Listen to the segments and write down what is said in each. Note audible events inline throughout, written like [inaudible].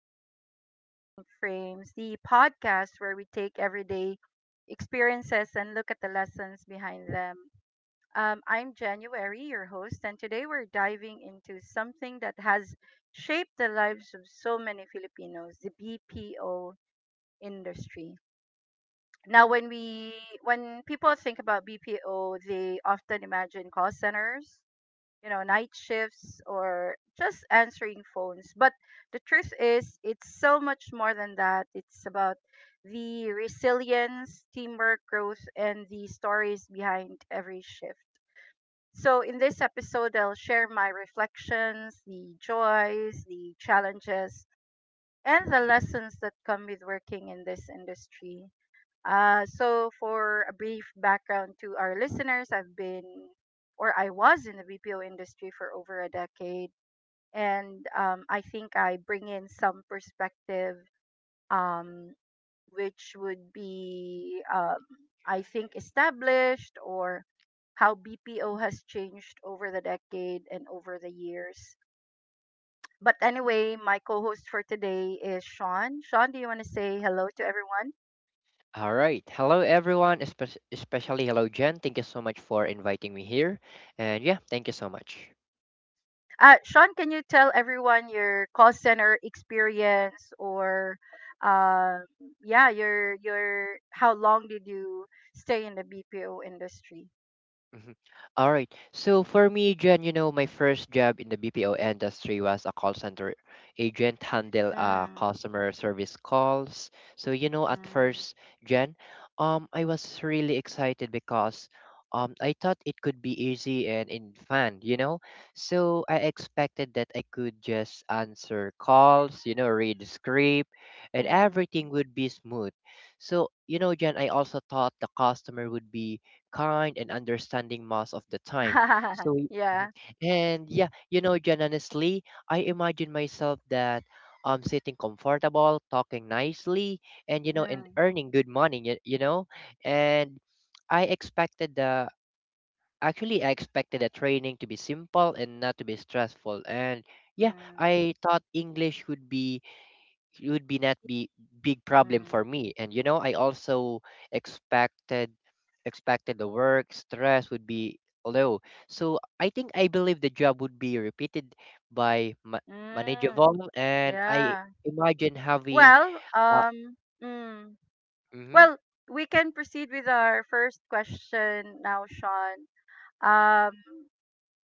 back to Life in Frames, the podcast where we take everyday experiences and look at the lessons behind them. I'm January, your host, and today we're diving into something that has shaped the lives of so many Filipinos the BPO industry. Now, when people think about BPO, they often imagine call centers, you know, night shifts or just answering phones. But the truth is, it's so much more than that. It's about the resilience, teamwork, growth, and the stories behind every shift. So, in this episode, I'll share my reflections, the joys, the challenges, and the lessons that come with working in this industry. So, for a brief background to our listeners, I've been or I was in the BPO industry for over a decade. And I think I bring in some perspective, um, which would be, I think, established or how BPO has changed over the decade and over the years. But anyway, my co host for today is Sean. Sean, do you want to say hello to everyone? All right. Hello, everyone, especially hello, Jen. Thank you so much for inviting me here. And yeah, thank you so much. Sean, can you tell everyone your call center experience or, uh, yeah, your how long did you stay in the BPO industry? Mhm. All right. So for me, Jen, you know, my first job in the BPO industry was a call center agent, handle Mm, customer service calls. So you know, at mm, first, Jen, I was really excited because I thought it could be easy and in fun. So I expected that I could just answer calls, read the script, and mm. everything would be smooth. So Jen, I also thought the customer would be kind and understanding most of the time. So, [laughs] y- mhm. yeah. And yeah, Jen, honestly, I imagine myself that I'm sitting comfortable, talking nicely, and Mm, earning good money, and I expected the actually I expected the training to be simple and not to be stressful. And yeah, mm, I thought English would be not be big problem mm, for me, and I also expected expected the work stress would be low. So I think I believe the job would be repeated by mm. manageable, and I Yeah. imagine having. Well, uh, mm. mhm. Well, we can proceed with our first question now, Sean. Uh,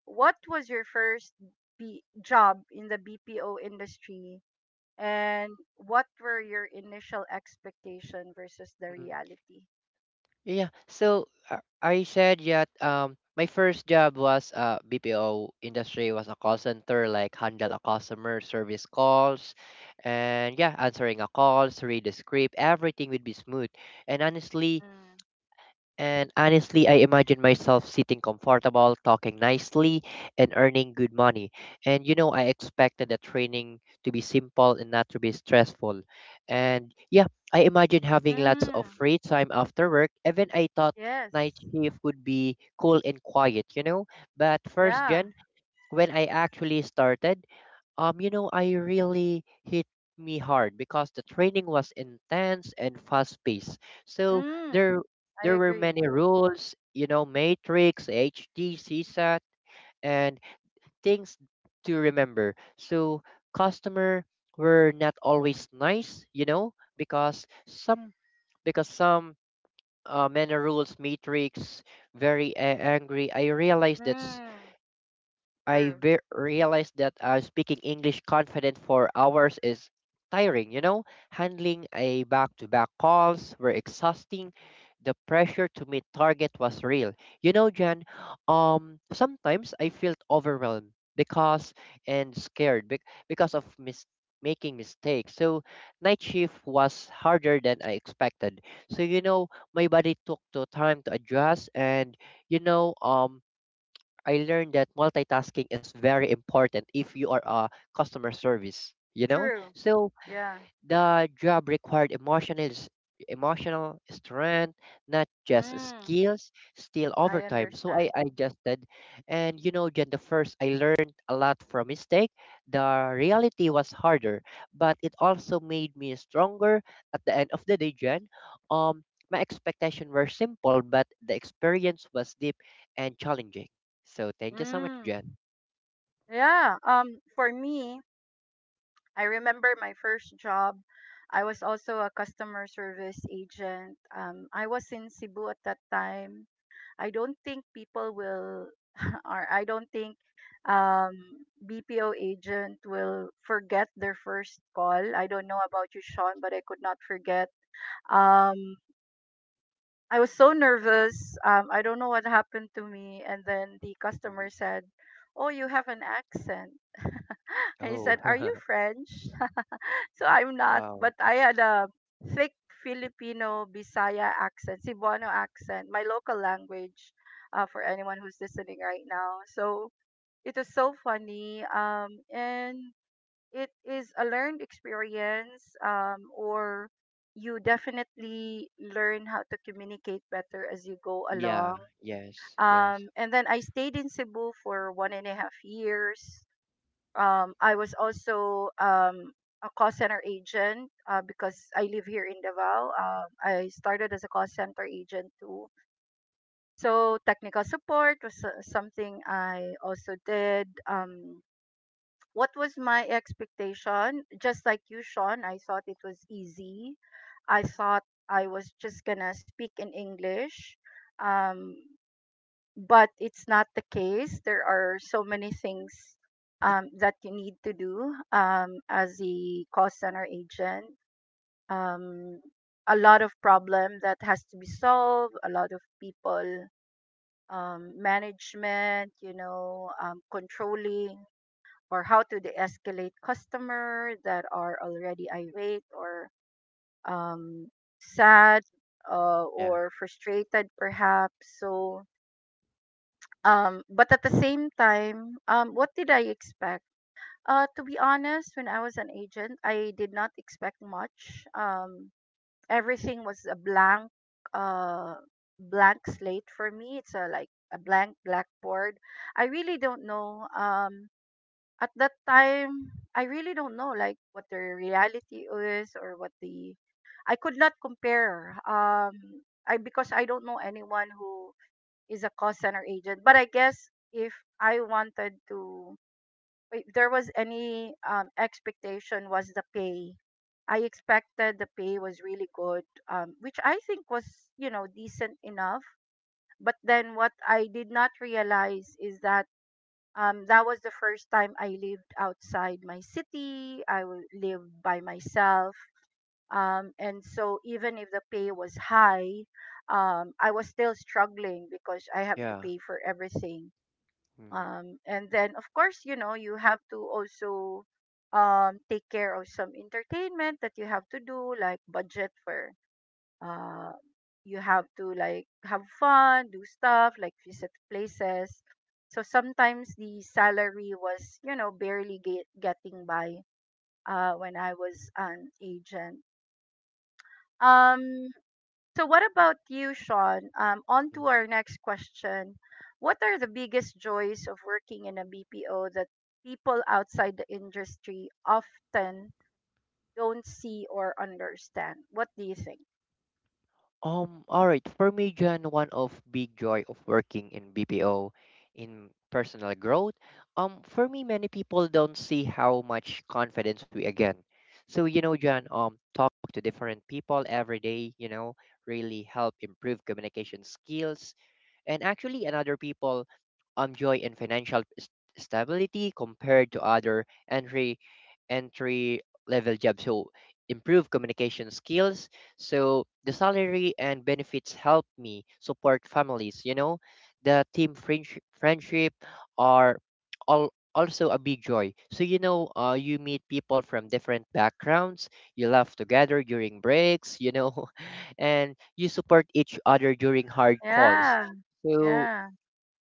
what was your first job in the BPO industry and what were your initial expectation versus the reality? Yeah. So I said that my first job was BPO industry was a call center, like, handle a customer service calls and yeah, answering a calls, read the script, everything would be smooth and honestly Mm. and honestly, I imagine myself sitting comfortable, talking nicely, and earning good money. And you know, I expected the training to be simple and not to be stressful. And yeah, I imagine having lots of Mm. free time after work. Even I thought night Yes. shift would be cool and quiet, you know? But first, Yeah. Jen, when I actually started, you know, I really hit me hard because the training was intense and fast-paced. So Mm. there I there were agree. many rules, you know, matrix, HD, CSAT, and things to remember. So customer were not always nice, because some many rules matrix very angry. I realized that Mm. True. Realized that speaking English confident for hours is tiring. You know, handling a back-to-back calls were exhausting. The pressure to meet target was real. You know, Jan, sometimes I felt overwhelmed because and scared because of making mistakes. So night shift was harder than I expected. So you know, my body took the time to adjust, and you know, um, I learned that multitasking is very important if you are a customer service, you know? True. So Yeah. the job required emotional strength, not just Mm. skills, still I overtime. So I understand. adjusted, and you know, Jen, the first, I learned a lot from mistake. The reality was harder, but it also made me stronger at the end of the day, Jen. Um my expectations were simple, but the experience was deep and challenging. So thank you so much, Jen. Mm. Yeah. For me, I remember my first job. I was also a customer service agent. I was in Cebu at that time. I don't think people will, [laughs] or I don't think BPO agent will forget their first call. I don't know about you, Sean, but I could not forget. Um, I was so nervous. I don't know what happened to me. And then the Mhm. customer said, "Oh, you have an accent." [laughs] I Oh, said, "Are you [laughs] French?" So I'm not, wow. but I had a thick Filipino Bisaya accent, Cebuano accent, my local language for anyone who's listening right now. So it was so funny. And it is a learned experience, or you definitely learn how to communicate better as you go Yeah, along. yes, yes, And then I stayed in Cebu for 1.5 years. I was also a call center agent because I live here in Davao. I started as a call center agent too. So technical support was something I also did. What was my expectation? Just like you, Sean, I thought it was easy. I thought I was just gonna speak in English. Um, but it's not the case. There are so many things that you need to do as a call center agent. Um, a lot of problem that has to be solved. A lot of people management, you know, controlling or how to de-escalate customer that are already irate or um, sad yeah, or frustrated, perhaps. So um, but at the same time, what did I expect? To be honest, when I was an agent, I did not expect much. Everything was a blank, uh, blank slate for me. It's a, like a blank blackboard. I really don't know. At that time, I really don't know like what the reality is or what the I could not compare. I because I don't know anyone who is a call center agent. But I guess if I wanted to, if there was any expectation was the pay. I expected the pay was really good, which I think was, you know, decent enough. But then what I did not realize is that that was the first time I lived outside my city. Lived by myself. And so even if the pay was high, I was still struggling because I have to yeah. pay for everything Mm. And then of course you know you have to also take care of some entertainment that you have to do like budget for uh, you have to like have fun do stuff like visit places so sometimes the salary was you know getting by when I was an agent um, so, what about you, Sean? On to our next question. What are the biggest joys of working in a BPO that people outside the industry often don't see or understand? What do you think? All right. For me, John, one of big joy of working in BPO in personal growth. For me, many people don't see how much confidence we again. So, you know, John, talking to different people every day, you know, really help improve communication skills, and actually another people joy in stability compared to other entry level jobs. So improve communication skills, so the salary and benefits help me support families, you know. The team friendship are all also a big joy. So you know, you meet people from different backgrounds, you laugh together during breaks, you know, [laughs] and you support each other during hard calls. Yeah, So yeah,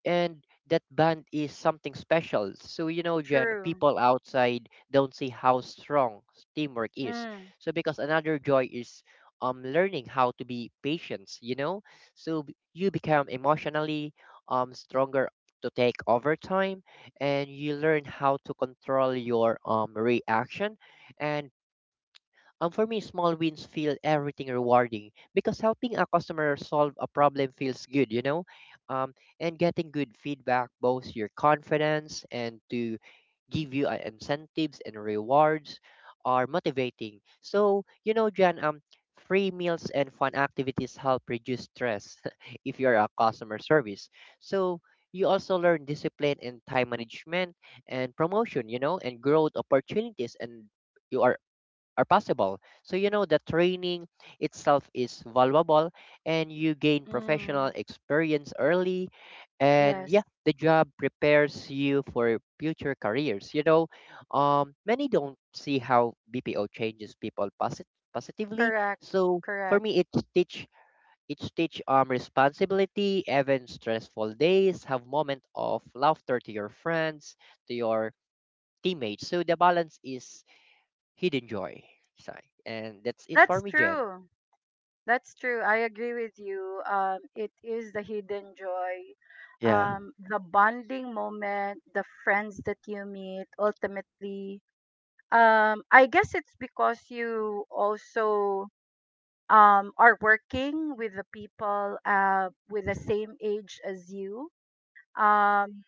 and that band is something special. So you know, Jen, true. people outside don't see how strong teamwork is. Mm, So because another joy is learning how to be patient, you know? So you become emotionally stronger to take over time, and you learn how to control your reaction. And for me, small wins feel everything rewarding because helping a customer solve a problem feels good, you know? Um, and getting good feedback both your confidence and to give you incentives and rewards are motivating. So, you know, Jan, free meals and fun activities help reduce stress [laughs] if you're a customer service. So, you also learn discipline and time management and promotion, you know, and growth opportunities and you are possible. So you know the training itself is valuable, and you gain professional mm, experience early. And yes, yeah, the job prepares you for future careers. You know, many don't see how BPO changes people positively. correct, So for correct. me it teach it teach responsibility, even stressful days, have moment of laughter to your friends, to your teammates. So the balance is hidden joy. So, and that's it for That's me, Jen. true. That's true. I agree with you. It is the hidden joy, Yeah, the bonding moment, the friends that you meet ultimately. I guess it's because you also are working with the people with the same age as you. Um,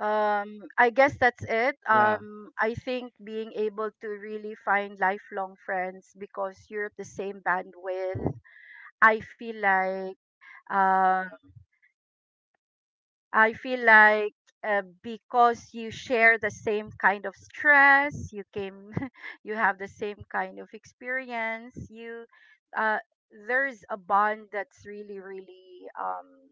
um, I guess that's it. yeah, I think being able to really find lifelong friends because you're at the same bandwidth. I feel like Um, I feel like because you share the same kind of stress, you came, [laughs] you have the same kind of experience. Uh, there's a bond that's really, really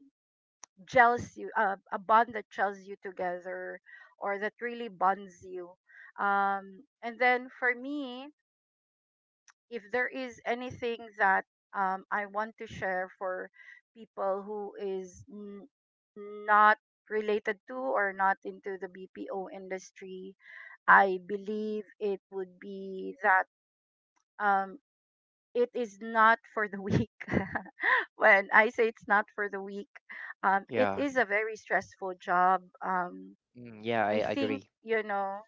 gels you, a bond that gels you together, or that really bonds you. And then for me, if there is anything that I want to share for people who not related to or not into the BPO industry, I believe it would be that um, it is not for the weak. [laughs] when I say it's not for the weak, it yeah. is a very stressful job. Mm, yeah, I I think, agree. you know,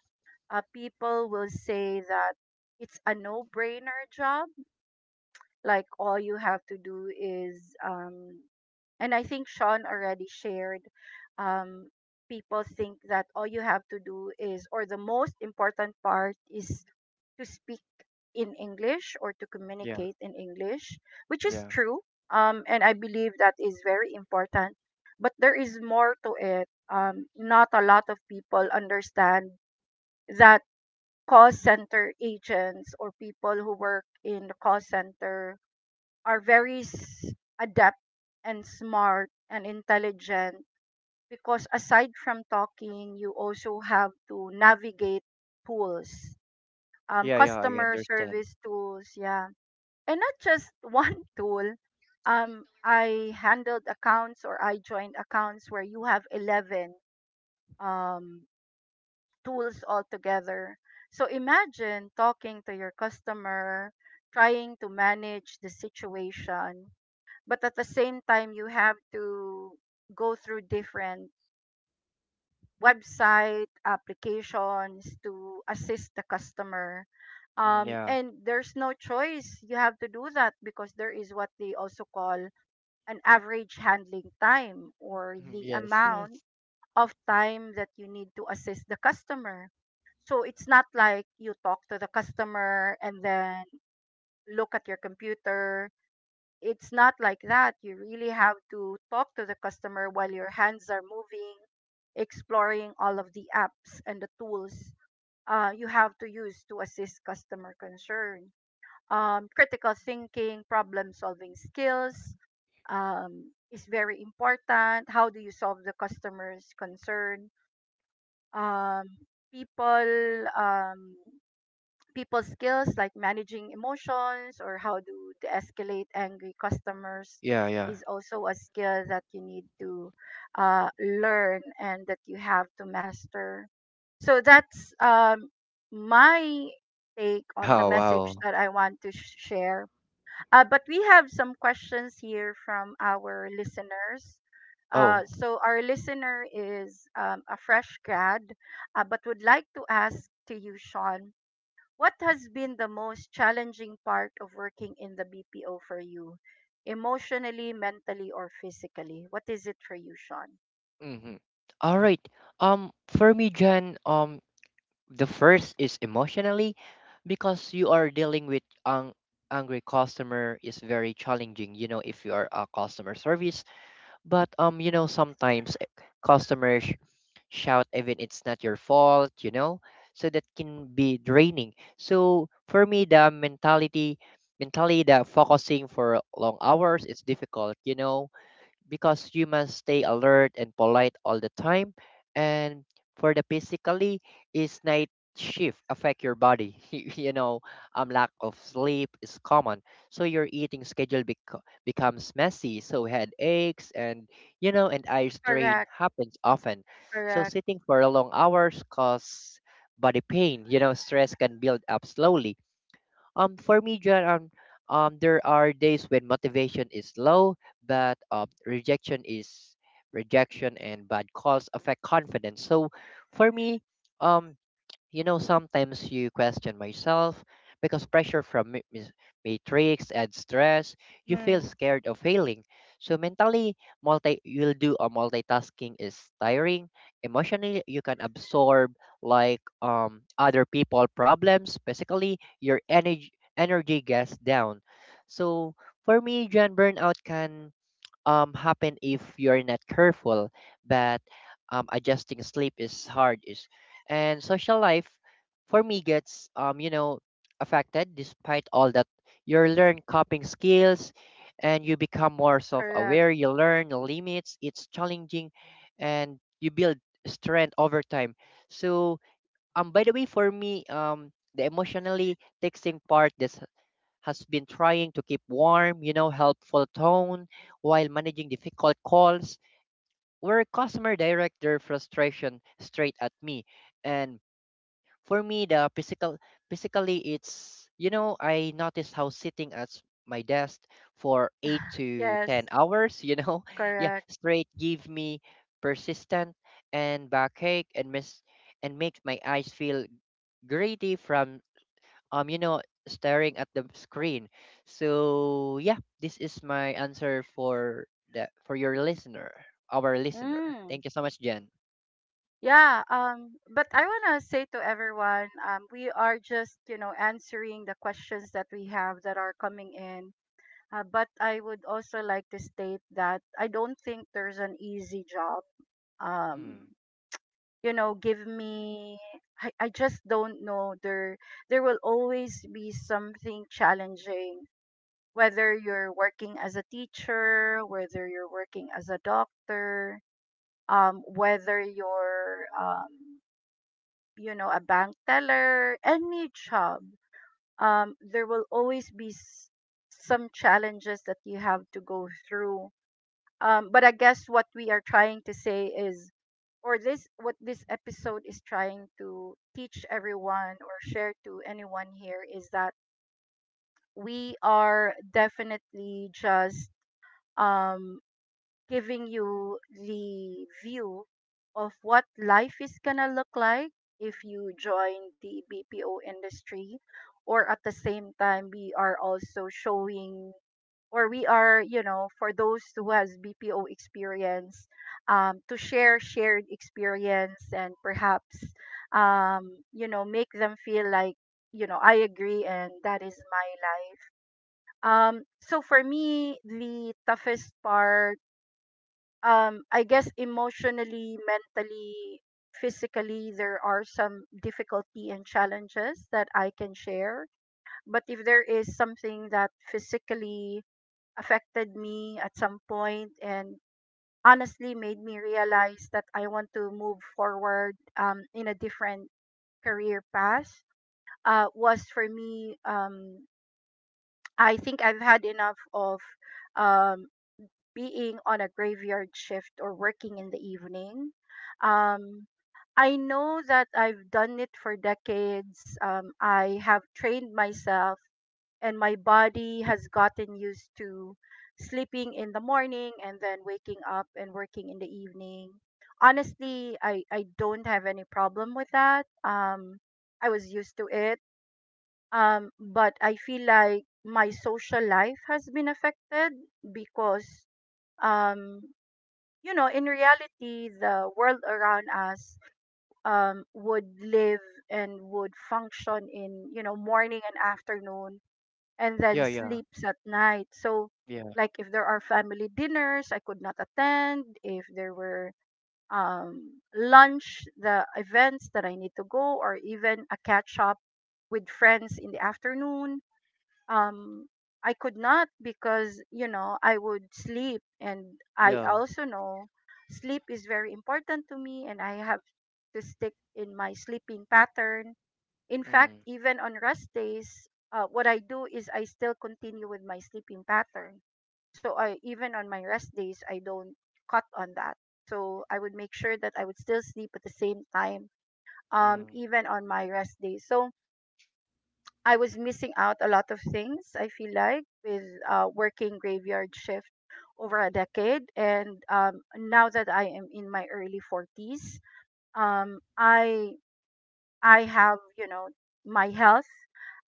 people will say that it's a no brainer job like all you have to do is um, and I think Sean already shared um, people think that all you have to do is or the most important part is to speak in English or to Yeah, communicate in English, which is yeah, true. And I believe that is very important. But there is more to it. Not a lot of people understand that call center agents or people who work in the call center are very s- adept and smart and intelligent because aside from talking, you also have to navigate tools, yeah, yeah. I customer understand. service tools, yeah, and not just [laughs] one tool. I handled accounts or I joined accounts where you have 11 um, tools altogether. So imagine talking to your customer, trying to manage the situation but at the same time you have to go through different website applications to assist the customer Mm, yeah. and there's no choice you have to do that because there is what they also call an average handling time or Mhm. the Yes, amount yes. of time that you need to assist the customer. So it's not like you talk to the customer and then look at your computer. It's not like that. You really have to talk to the customer while your hands are moving, exploring all of the apps and the tools you have to use to assist customer concern. Critical thinking, problem solving skills is very important. How do you solve the customer's concern? Um, people. Um, people skills like managing emotions or how to, escalate angry customers Yeah, yeah. is also a skill that you need to uh, learn and that you have to master, so that's my take on the Oh message wow. that I want to share but we have some questions here from our listeners Oh. so our listener is a fresh grad but would like to ask to you Sean, what has been the most challenging part of working in the BPO for you? Emotionally, mentally, or physically? What is it for you, Sean? Mm-hmm. All right. For me, Jen, the first is emotionally because you are dealing with angry customer is very challenging. You know, if you are a customer service. But you know, sometimes customers shout even it's not your fault, you know. So that can be draining. So for me, mentally, the focusing for long hours is difficult, you know, because humans stay alert and polite all the time. And for the physically, is night shift affect your body? [laughs] You know, lack of sleep is common, so your eating schedule becomes messy. So headaches and you know and eye strain Correct, happens often. So correct. sitting for long hours cause body pain. You know, stress can build up slowly. For me, John, there are days when motivation is low, but rejection, and bad calls affect confidence. So, for me, um, you know, sometimes you question myself because pressure from matrix and stress, you feel Mm, scared of failing. So mentally, multi you'll do a multitasking is tiring. Emotionally, you can absorb like other people problems. Basically, your energy gets down. So for me, John, burnout can happen if you're not careful. But adjusting sleep is hard. Is, and social life for me gets you know, affected despite all that. You learn coping skills, and you become more correct. self-aware. You learn your limits. It's challenging, and you build strength over time. So by the way, for me, The emotionally taxing part, this has been trying to keep warm, you know, helpful tone while managing difficult calls where customer direct their frustration straight at me. And for me, physically, it's, you know, I noticed how sitting at my desk for eight to Yes, 10 hours, you know, [laughs] yeah, correct. straight give me persistent and backache and miss and makes my eyes feel gritty from you know staring at the screen. So yeah, this is my answer for the for your listener, our listener. Mm. Thank you so much, Jen. Yeah, but I want to say to everyone, we are just, you know, answering the questions that we have that are coming in. But I would also like to state that I don't think there's an easy job. Um, Mm. you know give me I just don't know, there will always be something challenging whether you're working as a teacher, whether you're working as a doctor, um, whether you're um, you know, a bank teller, any job um, there will always be some challenges that you have to go through but I guess what we are trying to say is, or this what this episode is trying to teach everyone or share to anyone here is that we are definitely just um, giving you the view of what life is going to look like if you join the BPO industry. Or at the same time, we are also showing, or we are, for those who has BPO experience, to shared experience and perhaps, make them feel like, I agree and that is my life. So for me, the toughest part, I guess emotionally, mentally, physically, there are some difficulty and challenges that I can share. But if there is something that physically affected me at some point and honestly made me realize that I want to move forward in a different career path, was for me, I think I've had enough of um, being on a graveyard shift or working in the evening. Um, I know that I've done it for decades. I have trained myself, and my body has gotten used to sleeping in the morning and then waking up and working in the evening. Honestly, I don't have any problem with that. I was used to it. But I feel like my social life has been affected because, um, you know, in reality, the world around us would live and would function in, morning and afternoon and then Yeah, yeah, sleeps at night. So, yeah, like, if there are family dinners, I could not attend. If there were, lunch, the events that I need to go, or even a catch up with friends in the afternoon, um I could not, because I would sleep, and I yeah. also know sleep is very important to me and I have to stick in my sleeping pattern. In fact, Mm. even on rest days, what I do is I still continue with my sleeping pattern. So I even on my rest days, I don't cut on that. So I would make sure that I would still sleep at the same time, Mm. even on my rest days. So I was missing out a lot of things. I feel like with, working graveyard shift over a decade, and now that I am in my early 40s, um, I I have, my health,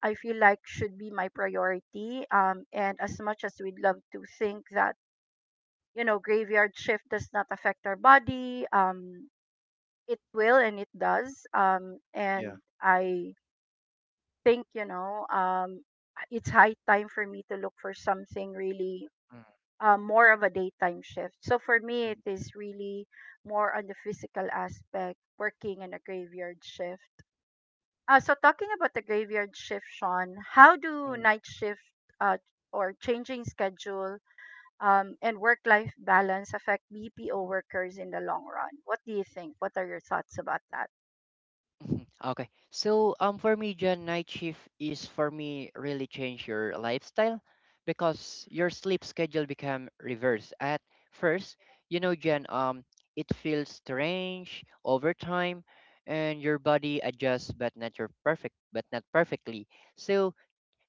I feel like, should be my priority. And as much as we'd love to think that, graveyard shift does not affect our body, it will and it does. Yeah. And I think, it's high time for me to look for something really, Mm. More of a daytime shift. So for me, it Mm. is really more on the physical aspect working in a graveyard shift. Uh, so talking about the graveyard shift, Sean, how do Mm. night shift, uh, or changing schedule and work life balance affect BPO workers in the long run? What do you think? What are your thoughts about that? Mhm. Okay. So for me, Jan, night shift is for me really change your lifestyle because your sleep schedule become reverse. At first, you know, Jan, it feels strange over time, and your body adjusts but not perfectly. So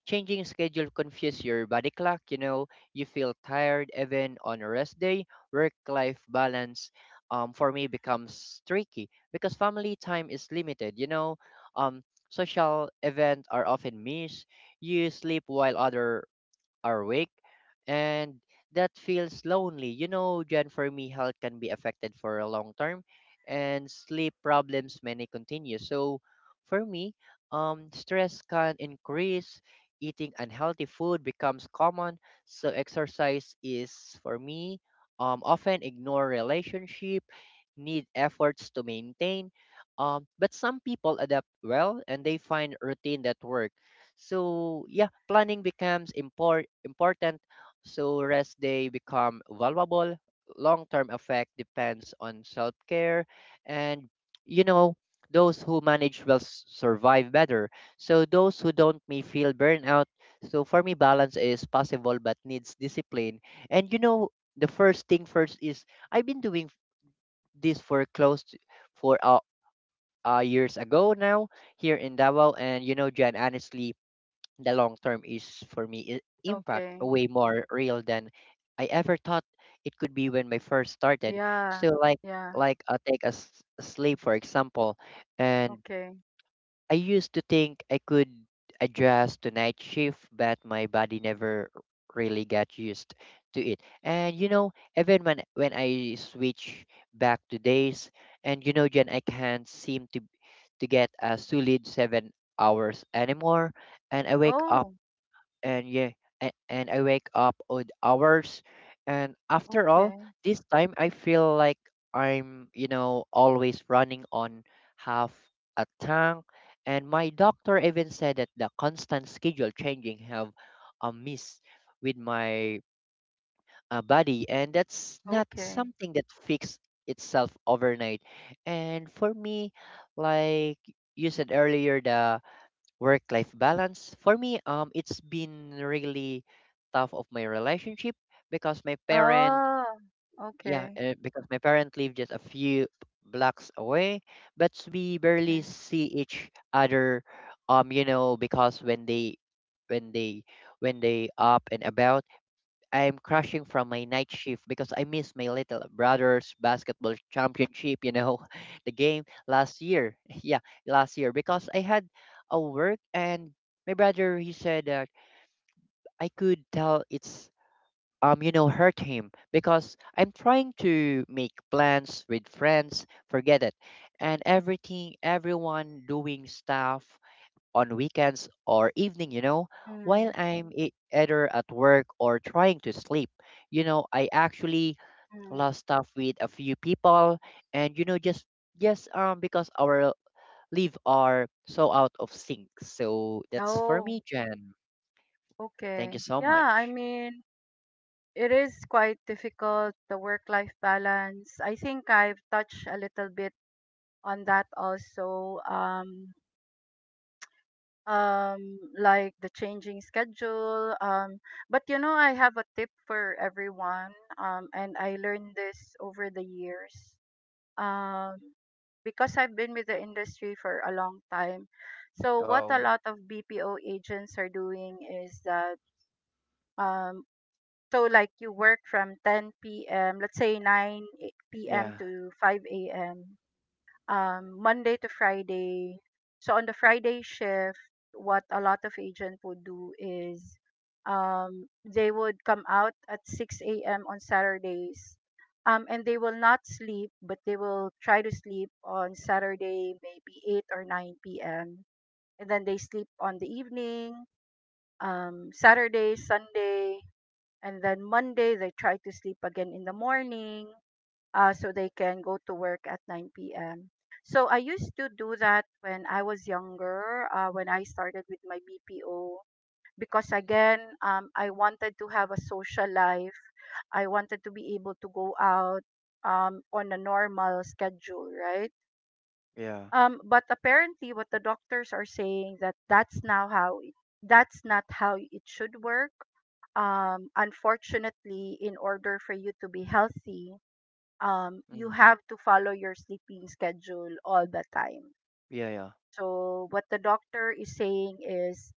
changing schedule confuse your body clock, you know, you feel tired even on a rest day. Work-life balance for me becomes tricky because family time is limited, you know. Um, Social events are often missed. You sleep while other are weak, and that feels lonely. You know, Jen, for me, health can be affected for a long term and sleep problems many continue. So for me, stress can increase, eating unhealthy food becomes common. So exercise is for me often ignore relationship, need efforts to maintain. But some people adapt well and they find routine that work. So yeah, planning becomes important, so rest day become valuable. Long-term effect depends on self-care, and you know those who manage will survive better. So those who don't may feel burnout. So for me, balance is possible but needs discipline. And you know the first thing first is I've been doing this for close to, for years ago now here in Davao, and you know, Jan, honestly the long term is for me impact Okay, way more real than I ever thought it could be when I first started. yeah, So yeah, like I take a a sleep for example, and okay, I used to think I could adjust to night shift, but my body never really got used to it. And you know, even when I switch back to days, and you know, Jen, I can't seem to get a solid 7 hours anymore, and I wake up oh, and yeah and I wake up odd hours. And after all okay. this time I feel like I'm, you know, always running on half a tank, and my doctor even said that the constant schedule changing have a miss with my body, and that's not Okay. something that fixes itself overnight. And for me, like you said earlier, the work life balance for me it's been really tough of my relationship because my parent Oh, yeah okay. Because my parent live just a few blocks away, but we barely Okay. see each other, you know, because when they when they when they up and about, I'm crashing from my night shift because I missed my little brother's basketball championship, you know, [laughs] the game last year. [laughs] Yeah, last year because I had a work, and my brother he said that I could tell it's you know, hurt him because I'm trying to make plans with friends, forget it. And everything everyone doing stuff on weekends or evening, you know, while Hmm. I'm either at work or trying to sleep. You know, I actually Hmm. lost stuff with a few people, and you know just because our leave are so out of sync. So that's for Oh, me, Jen. Thank you okay. so Yeah, I much. mean, it is quite difficult, the work-life balance. I think I've touched a little bit on that also. Like the changing schedule. But you know, I have a tip for everyone. And I learned this over the years, um because I've been with the industry for a long time. So what a Wow. lot of BPO agents are doing is that, um like you work from 10 p.m., let's say, p.m. Yeah. to 5 a.m, Monday to Friday. So on the Friday shift, what a lot of agent would do is, they would come out at 6 a.m. on Saturdays. And they will not sleep, but they will try to sleep on Saturday, maybe 8 or 9 p.m. And then they sleep on the evening, Saturday, Sunday. And then Monday, they try to sleep again in the morning, so they can go to work at 9 p.m. So I used to do that when I was younger, when I started with my BPO, because Mhm. again, I wanted to have a social life. I wanted to be able to go out on a normal schedule, right? Yeah. But apparently, what the doctors are saying, that's not how it should work, unfortunately. In order for you to be healthy, you Mm. have to follow your sleeping schedule all the time. Yeah. Yeah. So, what the doctor is saying is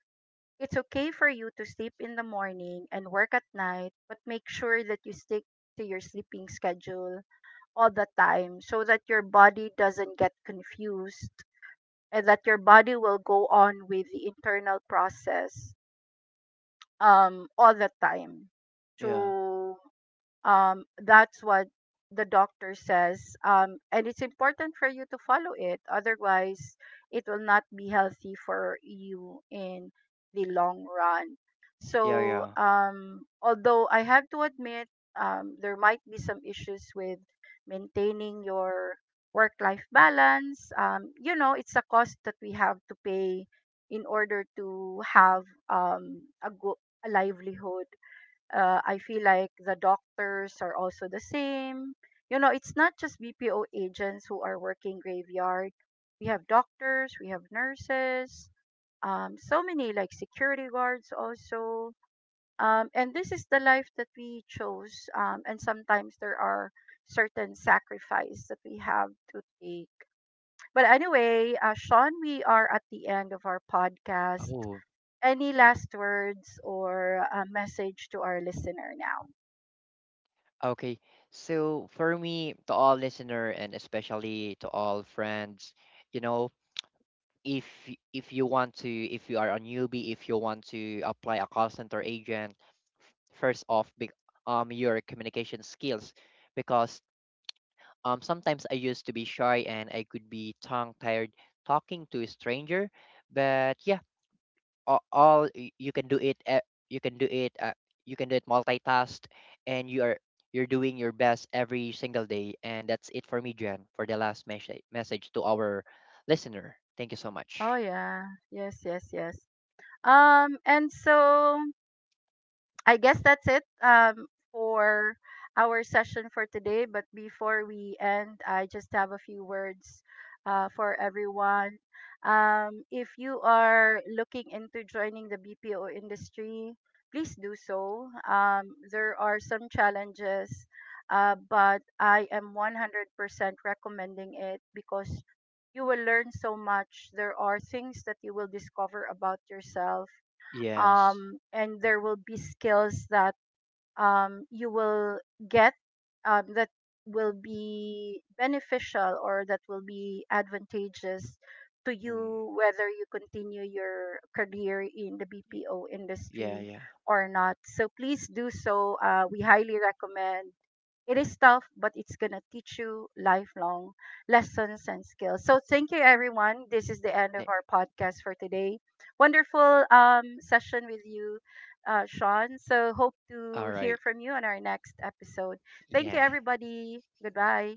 it's okay for you to sleep in the morning and work at night, but make sure that you stick to your sleeping schedule all the time, so that your body doesn't get confused and that your body will go on with the internal process all the time. Yeah. So, that's what the doctor says, and it's important for you to follow it, otherwise it will not be healthy for you in the long run. Yeah. So, Yeah. Although I have to admit, there might be some issues with maintaining your work life balance, you know, it's a cost that we have to pay in order to have, a, a livelihood. I feel like the doctors are also the same. You know, it's not just BPO agents who are working graveyard. We have doctors, we have nurses, so many, like security guards also. And this is the life that we chose. And sometimes there are certain sacrifice that we have to take. But anyway, Sean, we are at the end of our podcast. Oh, Any last words or a message to our listener now? okay. So for me, to all listener and especially to all friends, you know, if you want to if you are a newbie if you want to apply a call center agent, first off, big your communication skills, because sometimes I used to be shy and I could be tongue tired talking to a stranger, but yeah, you can do it, you can do it, you can do it multitask, and you are you're doing your best every single day, and that's it for me, Jen, for the last message to our listener. Thank you so Oh much. yeah. Yes, yes, yes. And so I guess that's it, for our session for today. But before we end, I just have a few words, for everyone. If you are looking into joining the BPO industry, please do so. There are some challenges, but I am 100% recommending it because you will learn so much. There are things that you will discover about yourself, Yes. And there will be skills that, you will get, that will be beneficial or that will be advantageous to Mm. you whether you continue your career in the BPO Yeah, industry yeah. or not. So please do so. We highly recommend, it is tough, but it's going to teach you lifelong lessons and skills. So, thank you, everyone. This is the end of Eh, our mm. podcast for today. Wonderful session with you, Sean. So, hope All to hear right. from you on our next episode. Thank you, Yeah. everybody. Goodbye.